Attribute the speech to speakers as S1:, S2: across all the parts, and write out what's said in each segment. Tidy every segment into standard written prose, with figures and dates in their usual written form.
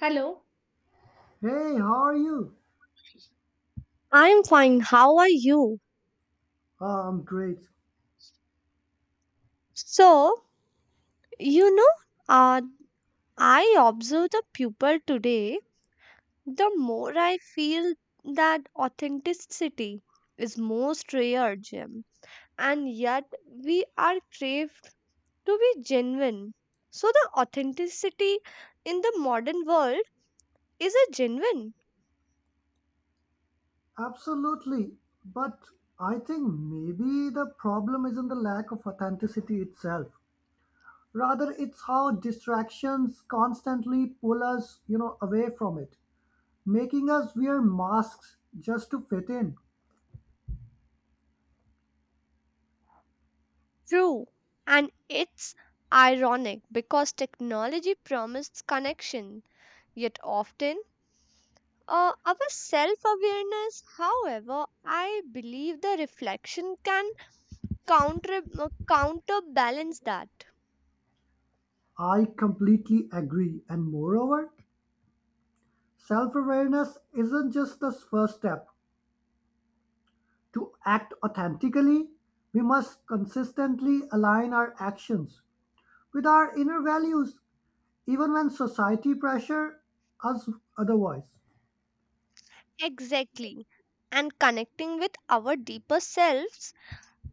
S1: Hello.
S2: Hey, how are you?
S1: I'm fine. How are you?
S2: I'm great.
S1: So, you know, uh, I observe the people today, the more I feel that authenticity is most rare, Jim. And yet, we are craved to be genuine. So, the authenticity in the modern world is a genuine,
S2: Absolutely. But I think maybe the problem isn't the lack of authenticity itself. Rather, it's how distractions constantly pull us, away from it, making us wear masks just to fit in.
S1: true, and it's ironic because technology promised connection. Yet often, our self awareness, however, I believe the reflection can counterbalance that.
S2: I completely agree. And moreover, self-awareness isn't just the first step. To act authentically, we must consistently align our actions with our inner values, even when society pressure us otherwise.
S1: Exactly. And connecting with our deeper selves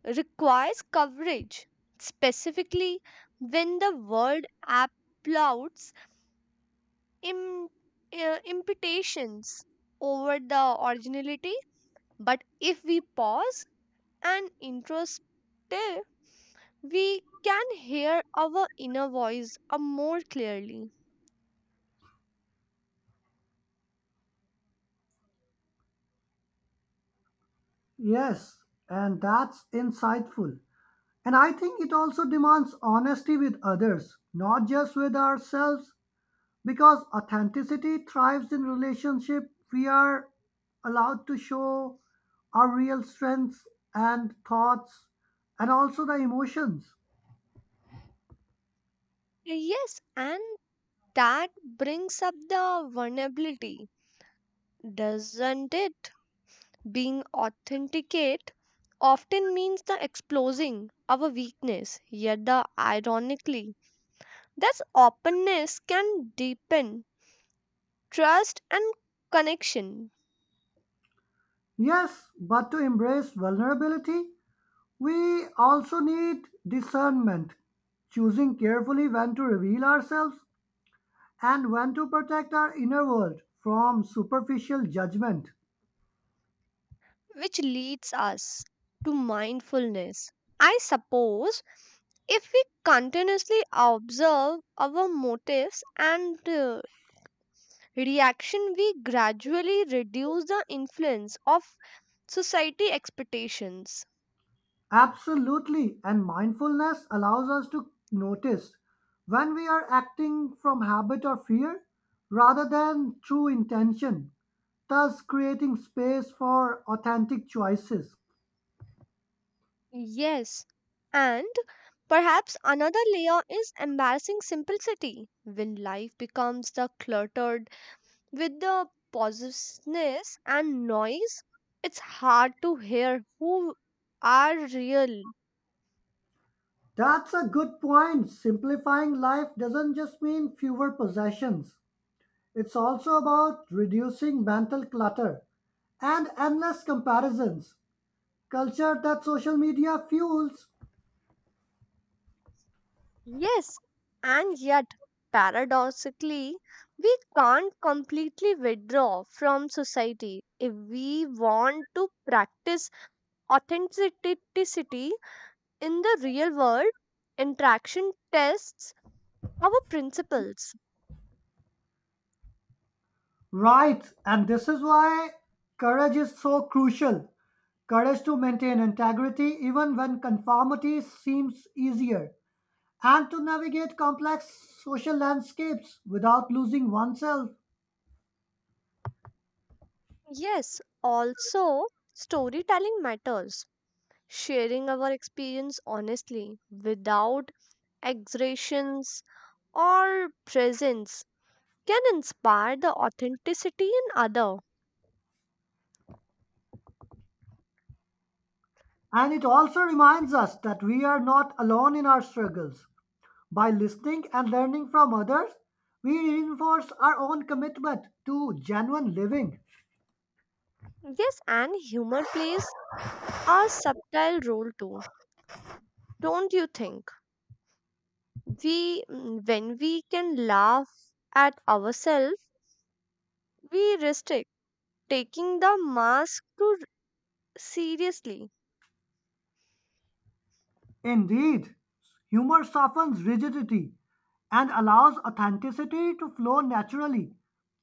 S1: requires coverage, specifically when the world applauds im- imputations over the originality. But if we pause and introspect, we can hear our inner voice more clearly.
S2: Yes, and that's insightful. And I think it also demands honesty with others, not just with ourselves, because authenticity thrives in relationship. We are allowed to show our real strengths and thoughts and also the emotions.
S1: Yes, and that brings up the vulnerability, doesn't it? Being authenticate often means the exposing our weakness, yet the ironically, this openness can deepen trust and connection,
S2: Yes, but to embrace vulnerability, we also need discernment, choosing carefully when to reveal ourselves and when to protect our inner world from superficial judgment.
S1: which leads us to mindfulness. I suppose if we continuously observe our motives and reaction, we gradually reduce the influence of society expectations.
S2: Absolutely, and mindfulness allows us to notice when we are acting from habit or fear rather than true intention, thus creating space for authentic choices.
S1: Yes, and perhaps another layer is embarrassing simplicity. When life becomes the cluttered with the positiveness and noise, it's hard to hear who are real.
S2: That's a good point. Simplifying life doesn't just mean fewer possessions. It's also about reducing mental clutter and endless comparisons, culture that social media fuels.
S1: Yes, and yet, paradoxically, we can't completely withdraw from society if we want to practice authenticity in the real world. Interaction tests our principles.
S2: Right, and this is why courage is so crucial. Courage to maintain integrity even when conformity seems easier, and to navigate complex social landscapes without losing oneself.
S1: Yes, also, storytelling matters, sharing our experience honestly without exaggerations or presence, can inspire the authenticity in other.
S2: And it also reminds us that we are not alone in our struggles. By listening and learning from others, we reinforce our own commitment to genuine living.
S1: Yes, and humor plays a subtle role too, don't you think? When we can laugh at ourselves, we restrict taking the mask too seriously.
S2: Indeed, humor softens rigidity and allows authenticity to flow naturally,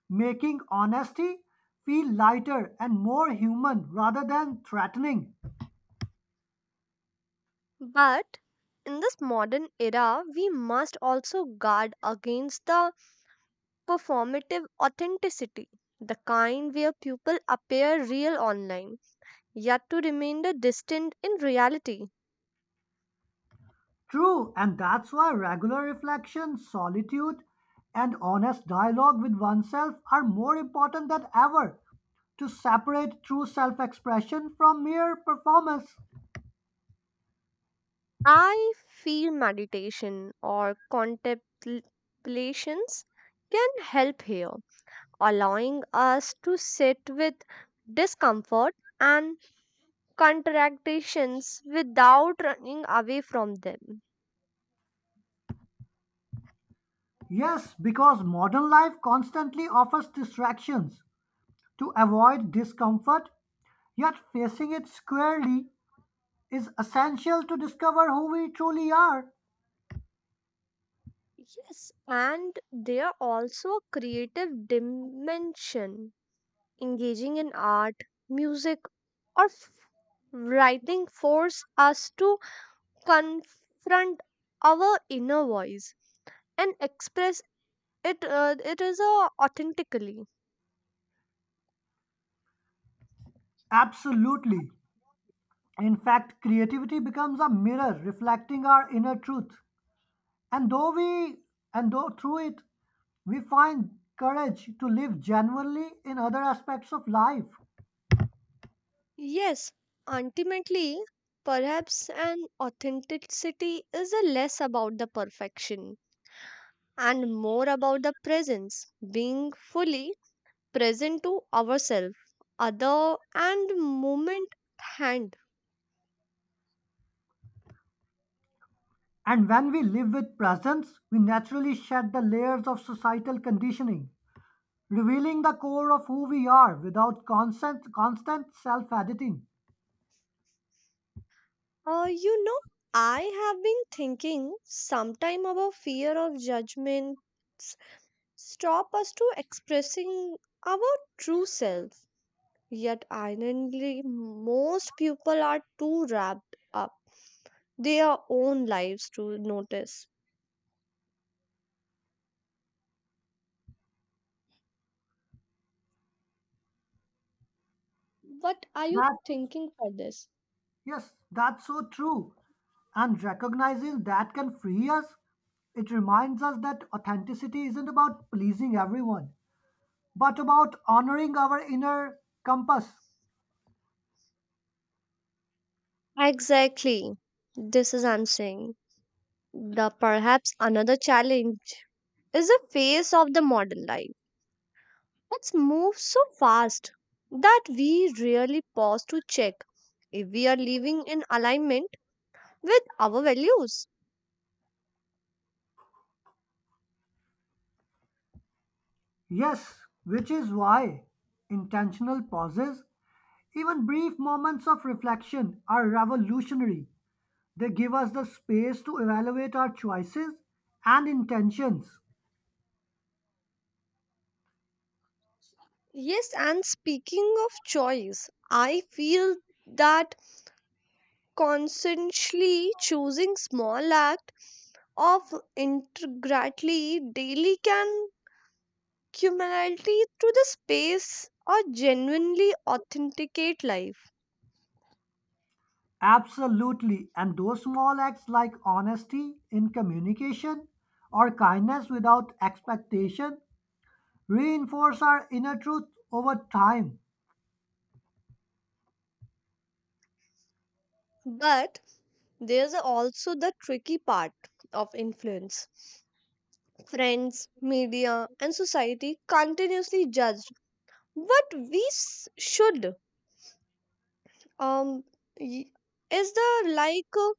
S2: making honesty feel lighter and more human rather than threatening.
S1: But in this modern era we must also guard against the performative authenticity, the kind where people appear real online yet to remain the distant in reality.
S2: True, and that's why regular reflection, solitude, and honest dialogue with oneself are more important than ever, to separate true self expression from mere performance.
S1: I feel meditation or contemplations can help here, allowing us to sit with discomfort and contradictions without running away from them.
S2: Yes, because modern life constantly offers distractions to avoid discomfort, yet facing it squarely is essential to discover who we truly are.
S1: Yes, and they are also a creative dimension, engaging in art, music, or writing force us to confront our inner voice and express it is authentically.
S2: Absolutely. In fact, creativity becomes a mirror reflecting our inner truth. And though we and though through it we find courage to live genuinely in other aspects of life.
S1: Yes, ultimately perhaps an authenticity is less about the perfection and more about the presence, being fully present to ourselves, other and moment at hand.
S2: And when we live with presence, we naturally shed the layers of societal conditioning, revealing the core of who we are without constant self-editing.
S1: Uh, you know, I have been thinking sometime about fear of judgment s- stop us to expressing our true self. Yet ironically, most people are too wrapped up their own lives to notice. What are you
S2: That
S1: thinking for this?
S2: yes, that's so true. And recognizing that can free us, it reminds us that authenticity isn't about pleasing everyone, but about honoring our inner compass.
S1: Exactly. This is I'm saying. The perhaps another challenge is the face of the modern life. It's moved so fast that we really pause to check if we are living in alignment with our values.
S2: Yes, which is why intentional pauses, even brief moments of reflection, are revolutionary. They give us the space to evaluate our choices and intentions.
S1: Yes, and speaking of choice, I feel that consciously choosing small act of integrity daily can cumulatively to the space or genuinely authenticate life.
S2: Absolutely. And those small acts like honesty in communication or kindness without expectation reinforce our inner truth over time.
S1: But there's also the tricky part of influence. Friends, media, and society continuously judge. What we should um y- is the like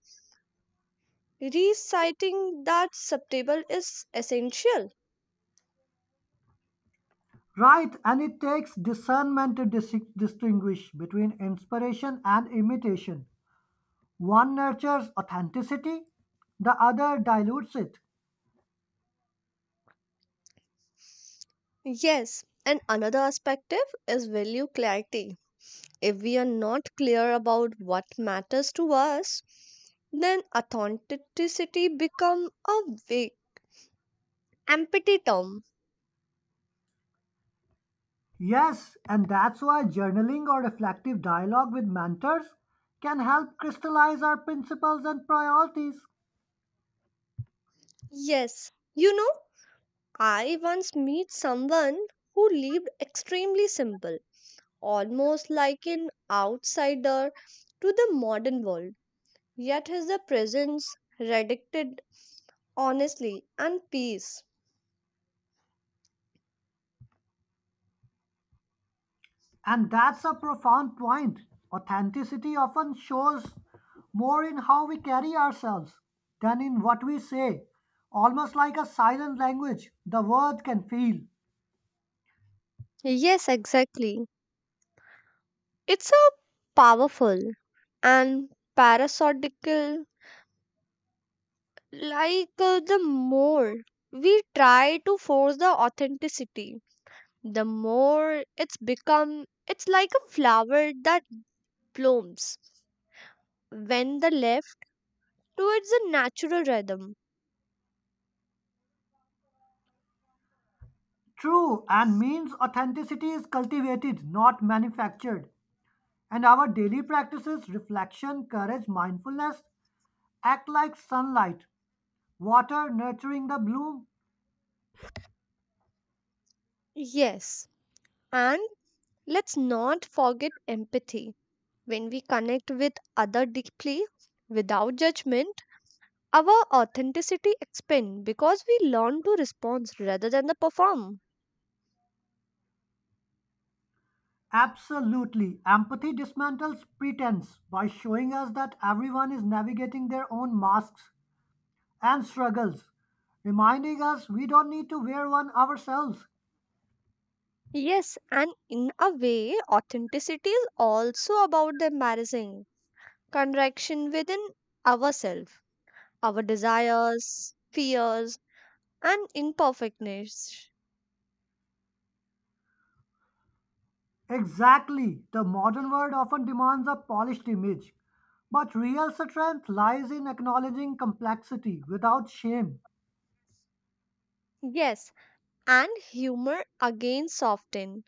S1: reciting that subtable is essential.
S2: Right, and it takes discernment to distinguish between inspiration and imitation. One nurtures authenticity, the other dilutes it.
S1: Yes, and another perspective is value clarity. If we are not clear about what matters to us, then authenticity become a vague empty term.
S2: Yes, and that's why journaling or reflective dialogue with mentors can help crystallize our principles and priorities.
S1: Yes, I once met someone who lived extremely simple, almost like an outsider to the modern world. Yet his presence radiated honesty and peace.
S2: And that's a profound point. Authenticity often shows more in how we carry ourselves than in what we say. Almost like a silent language, the word can feel.
S1: Yes, exactly. It's a powerful and parasitical, like the more we try to force the authenticity, the more it's become, it's like a flower that blooms when the left towards a natural rhythm.
S2: True, and means authenticity is cultivated, not manufactured. And our daily practices, reflection, courage, mindfulness, act like sunlight, water nurturing the bloom.
S1: Yes, and let's not forget empathy. When we connect with other deeply without judgment, our authenticity expands because we learn to respond rather than the perform.
S2: Absolutely. Empathy dismantles pretense by showing us that everyone is navigating their own masks and struggles, reminding us we don't need to wear one ourselves.
S1: Yes, and in a way, authenticity is also about the embarrassing contraction within ourselves, our desires, fears, and imperfectness.
S2: Exactly. The modern world often demands a polished image, but real strength lies in acknowledging complexity without shame.
S1: Yes, and humor again soften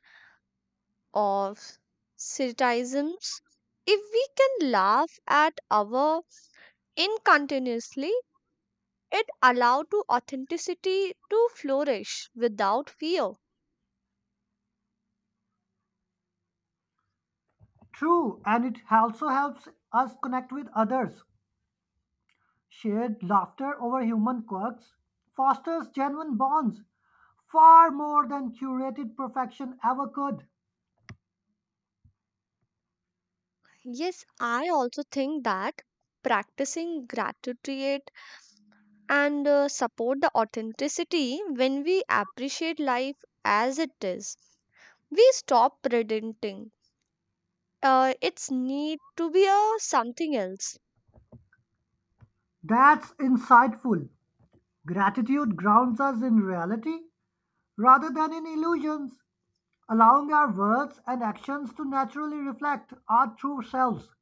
S1: of criticisms. If we can laugh at our incontinuously, it allow to authenticity to flourish without fear.
S2: True, and it also helps us connect with others. Shared laughter over human quirks fosters genuine bonds far more than curated perfection ever could.
S1: Yes, I also think that practicing gratitude and support the authenticity. When we appreciate life as it is, we stop pretending it's need to be a something else.
S2: That's insightful. Gratitude grounds us in reality rather than in illusions, allowing our words and actions to naturally reflect our true selves.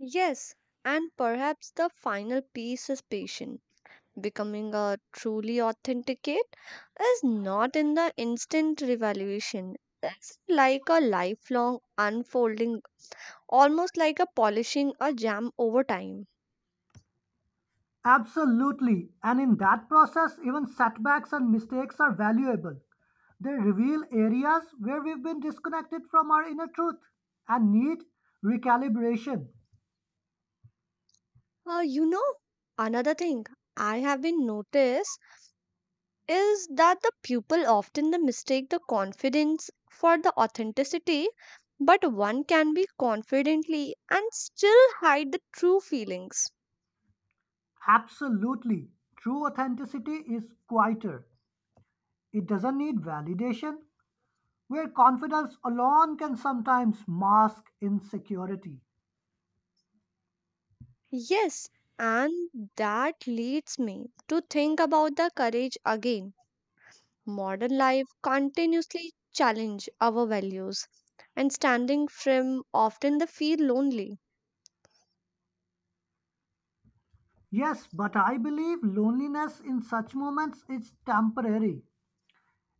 S1: Yes, and perhaps the final piece is patient. Becoming a truly authenticate is not in the instant revaluation. It's like a lifelong unfolding, almost like a polishing a jam over time.
S2: Absolutely. And in that process, even setbacks and mistakes are valuable. They reveal areas where we've been disconnected from our inner truth and need recalibration.
S1: Uh, you know, another thing I have been noticed is that the pupil often they mistake the confidence for the authenticity, but one can be confidently and still hide the true feelings.
S2: Absolutely. True authenticity is quieter. It doesn't need validation, where confidence alone can sometimes mask insecurity.
S1: Yes, and that leads me to think about the courage again. Modern life continuously challenge our values and standing firm often they feel lonely.
S2: Yes, but I believe loneliness in such moments is temporary.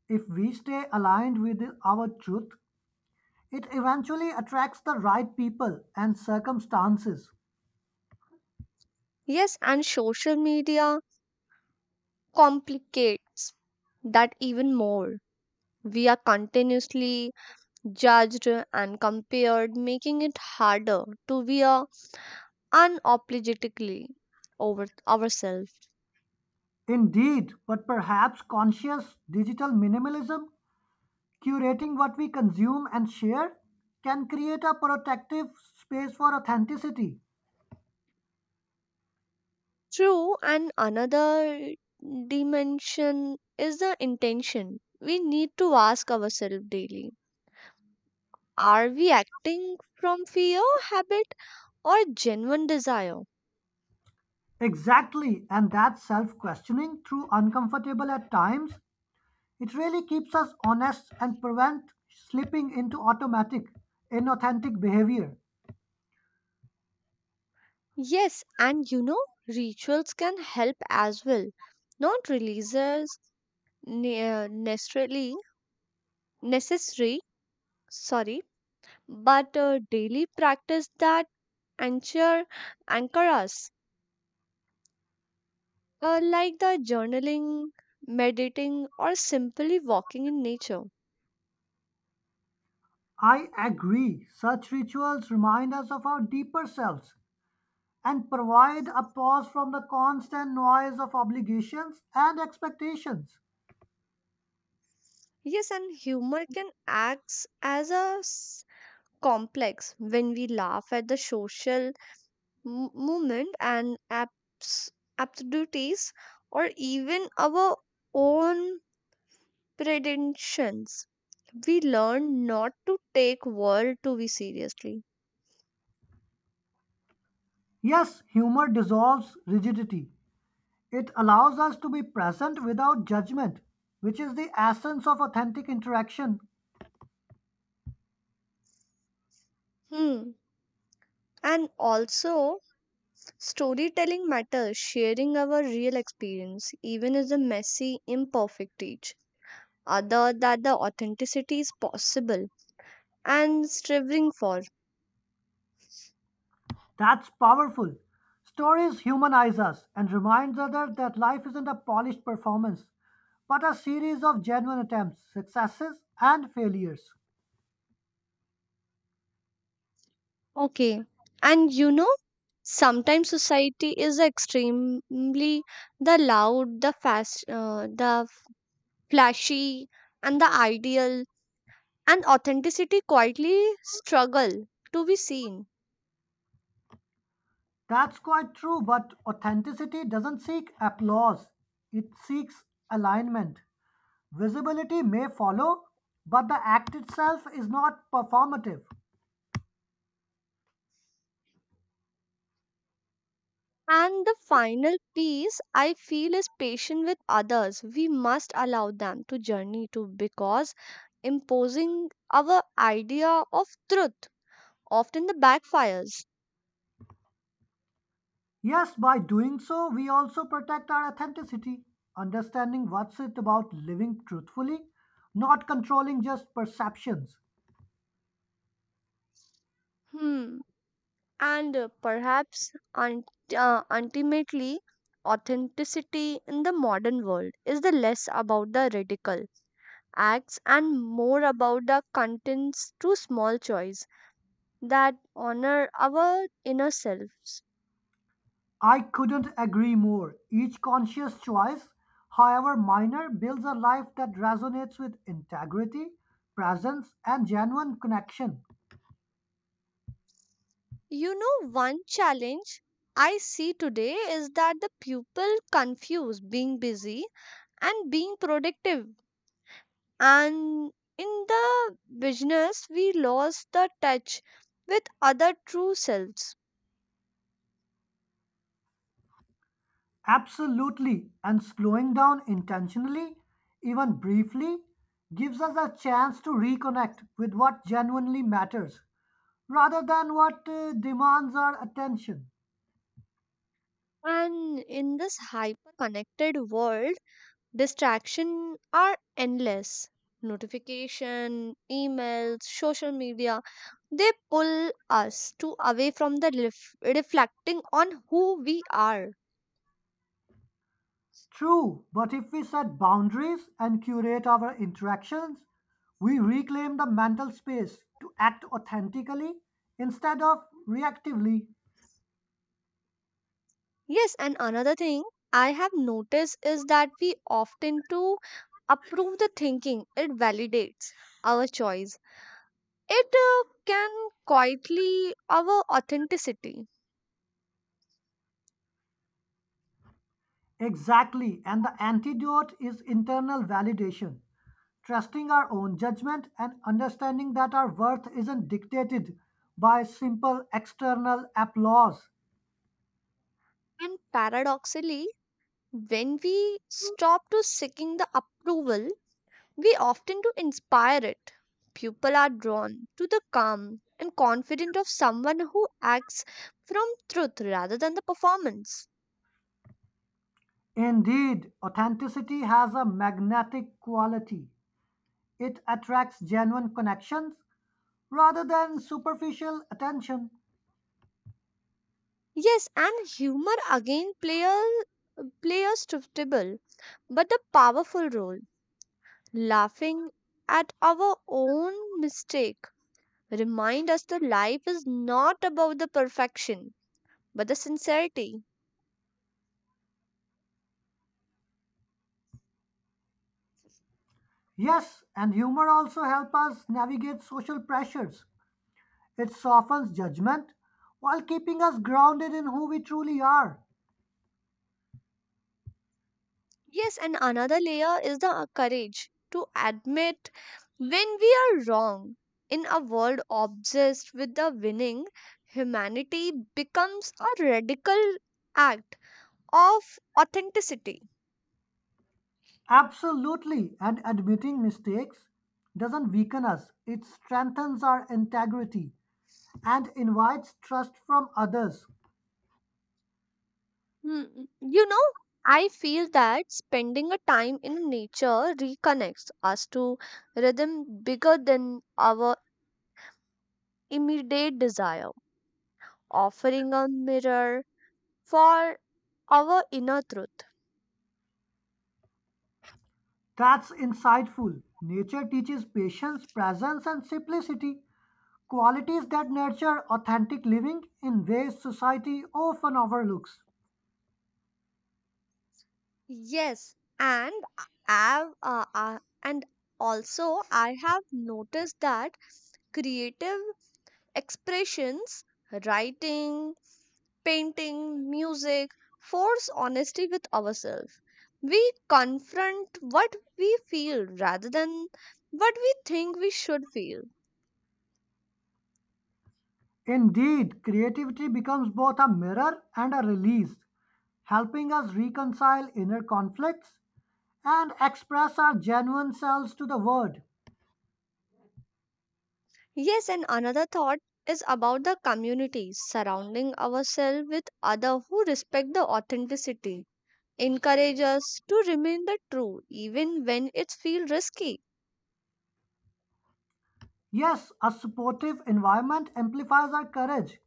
S2: If we stay aligned with our truth, it eventually attracts the right people and circumstances.
S1: Yes, and social media complicates that even more. We are continuously judged and compared, making it harder to be a unapologetically over ourselves.
S2: Indeed, but perhaps conscious digital minimalism, curating what we consume and share, can create a protective space for authenticity.
S1: True, and another dimension is the intention. We need to ask ourselves daily, are we acting from fear, habit, or genuine desire?
S2: Exactly, and that self questioning, through uncomfortable at times, it really keeps us honest and prevent slipping into automatic, inauthentic behavior.
S1: Yes, and rituals can help as well, not releases necessarily necessary, sorry, but daily practice that anchor anchor us. Like the journaling, meditating, or simply walking in nature.
S2: I agree, such rituals remind us of our deeper selves and provide a pause from the constant noise of obligations and expectations.
S1: Yes, and humor can act as a complex when we laugh at the social movement and absurdities, or even our own predictions. We learn not to take world to be seriously.
S2: Yes, humor dissolves rigidity. It allows us to be present without judgment, which is the essence of authentic interaction.
S1: Hmm. And also, storytelling matters, sharing our real experience, even as a messy, imperfect teach other that the authenticity is possible and striving for.
S2: That's powerful. Stories humanize us and remind others that life isn't a polished performance, but a series of genuine attempts, successes, and failures.
S1: Okay. And sometimes society is extremely the loud, the fast, the flashy, and the ideal, and authenticity quietly struggle to be seen.
S2: That's quite true, but authenticity doesn't seek applause, it seeks alignment. Visibility may follow, but the act itself is not performative.
S1: And the final piece I feel is patient with others. We must allow them to journey too because imposing our idea of truth often the backfires.
S2: Yes, by doing so, we also protect our authenticity, understanding what's it about living truthfully, not controlling just perceptions.
S1: Hmm. And perhaps ultimately, authenticity in the modern world is the less about the radical acts and more about the contents to small choice that honor our inner selves.
S2: I couldn't agree more. Each conscious choice, however minor, builds a life that resonates with integrity, presence, and genuine connection.
S1: One challenge I see today is that the people confuse being busy and being productive. And in the business, we lost the touch with other true selves.
S2: Absolutely, and slowing down intentionally, even briefly, gives us a chance to reconnect with what genuinely matters rather than what demands our attention.
S1: And in this hyper connected world, distractions are endless. Notification, emails, social media, they pull us to away from the reflecting on who we are.
S2: True, but if we set boundaries and curate our interactions, we reclaim the mental space to act authentically instead of reactively.
S1: Yes, and another thing I have noticed is that we often to approve the thinking. It validates our choice. It can quietly our authenticity.
S2: Exactly, and the antidote is internal validation, trusting our own judgment and understanding that our worth isn't dictated by simple external applause.
S1: And paradoxically, when we stop to seeking the approval, we often to inspire it. People are drawn to the calm and confident of someone who acts from truth rather than the performance.
S2: Indeed, authenticity has a magnetic quality. It attracts genuine connections rather than superficial attention.
S1: Yes, and humor again play a suitable but a powerful role. Laughing at our own mistake remind us that life is not about the perfection but the sincerity.
S2: Yes, and humor also helps us navigate social pressures. It softens judgment while keeping us grounded in who we truly are.
S1: Yes, and another layer is the courage to admit when we are wrong. In a world obsessed with the winning, humanity becomes a radical act of authenticity.
S2: Absolutely. And admitting mistakes doesn't weaken us, it strengthens our integrity and invites trust from others.
S1: Hmm. You know, I feel that spending a time in nature reconnects us to rhythm bigger than our immediate desire, offering a mirror for our inner truth.
S2: That's insightful. Nature teaches patience, presence, and simplicity, qualities that nurture authentic living in ways society often overlooks.
S1: Yes, and I- have and also I have noticed that creative expressions, writing, painting, music force honesty with ourselves. We confront what we feel rather than what we think we should feel.
S2: Indeed, creativity becomes both a mirror and a release, helping us reconcile inner conflicts and express our genuine selves to the world.
S1: Yes, and another thought is about the community, surrounding ourselves with others who respect the authenticity, encourage us to remain the true even when it feels risky.
S2: Yes, a supportive environment amplifies our courage,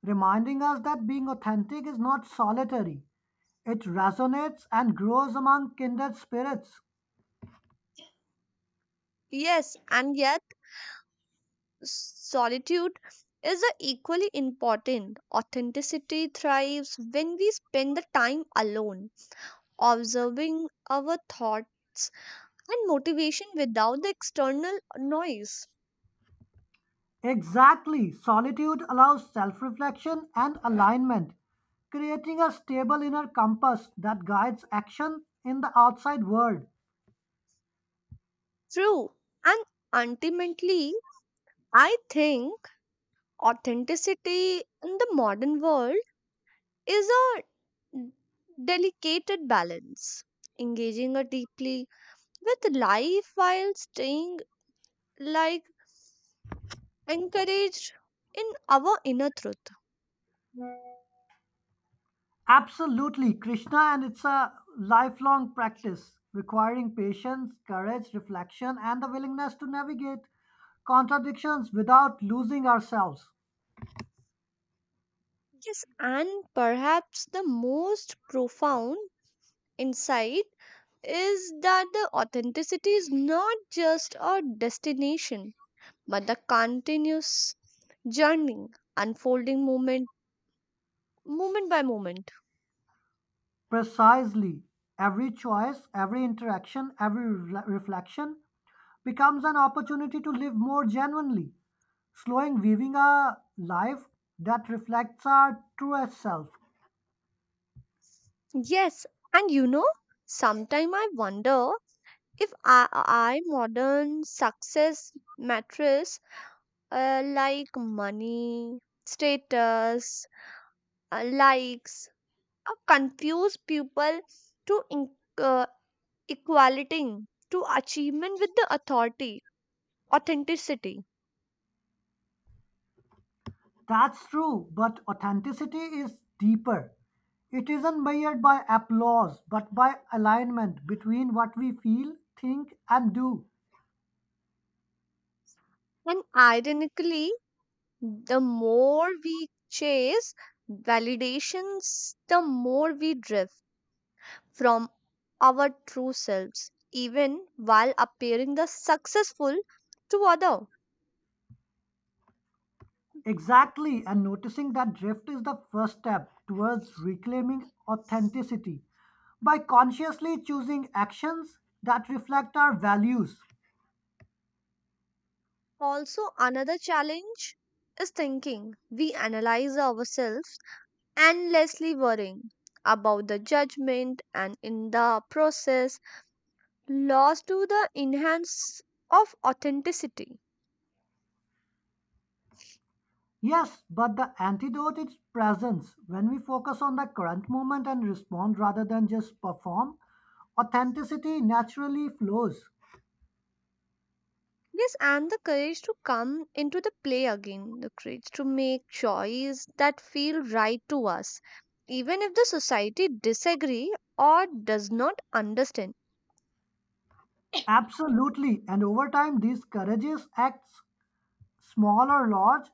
S2: reminding us that being authentic is not solitary. It resonates and grows among kindred spirits.
S1: Yes, and yet solitude is a equally important. Authenticity thrives when we spend the time alone, observing our thoughts and motivation without the external noise.
S2: Exactly, solitude allows self reflection and alignment, creating a stable inner compass that guides action in the outside world.
S1: True. And ultimately, I think authenticity in the modern world is a delicate balance, engaging a deeply with life while staying like encouraged in our inner truth.
S2: Absolutely, Krishna, and it's a lifelong practice requiring patience, courage, reflection, and the willingness to navigate contradictions without losing ourselves.
S1: Yes, and perhaps the most profound insight is that the authenticity is not just a destination, but the continuous journey unfolding moment, moment by moment.
S2: Precisely, every choice, every interaction, every reflection becomes an opportunity to live more genuinely, slowing, weaving a life that reflects our truest self.
S1: Yes, and sometimes I wonder if I modern success matters, like money, status, likes, confuse people to in, uh, equality to achievement with the authority authenticity.
S2: That's true, but authenticity is deeper. It isn't measured by applause, but by alignment between what we feel, think, and do.
S1: And ironically the more we chase validations, the more we drift from our true selves even while appearing the successful to other.
S2: Exactly, and noticing that drift is the first step towards reclaiming authenticity by consciously choosing actions that reflect our values.
S1: Also another challenge is thinking we analyze ourselves endlessly worrying about the judgment and in the process lost to the enhance of authenticity.
S2: Yes, but the antidote is presence. When we focus on the current moment and respond rather than just perform, authenticity naturally flows.
S1: Yes, and the courage to come into the play again, the courage to make choice that feel right to us even if the society disagree or does not understand.
S2: Absolutely. And over time, these courageous acts, small or large,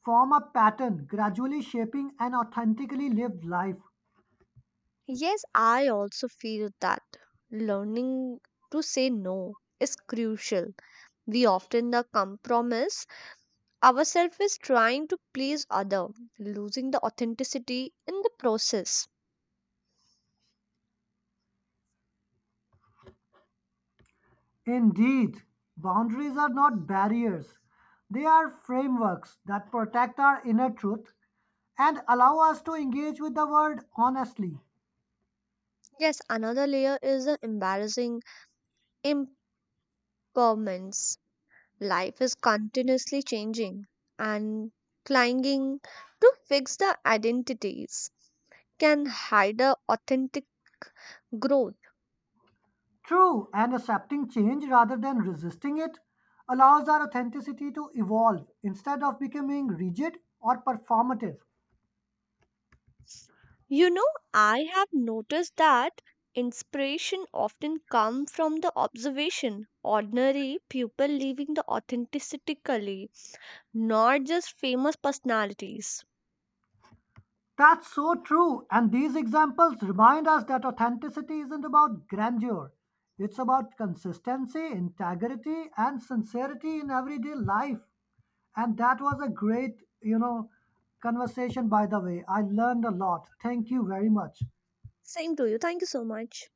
S2: form a pattern, gradually shaping an authentically lived life.
S1: Yes, I also feel that learning to say no is crucial. We often the compromise ourself is trying to please other, losing the authenticity in the process.
S2: Indeed, boundaries are not barriers, they are frameworks that protect our inner truth and allow us to engage with the world honestly.
S1: Yes, another layer is the embarrassing impermanence. Life is continuously changing and clinging to fix the identities can hide the authentic growth.
S2: True, and accepting change rather than resisting it allows our authenticity to evolve instead of becoming rigid or performative.
S1: you know I have noticed that inspiration often come from the observation ordinary people living the authentically, not just famous personalities.
S2: That's so true. And these examples remind us that authenticity isn't about grandeur, it's about consistency, integrity, and sincerity in everyday life. And that was a great, conversation, by the way. I learned a lot. Thank you very much.
S1: Same to you. Thank you so much.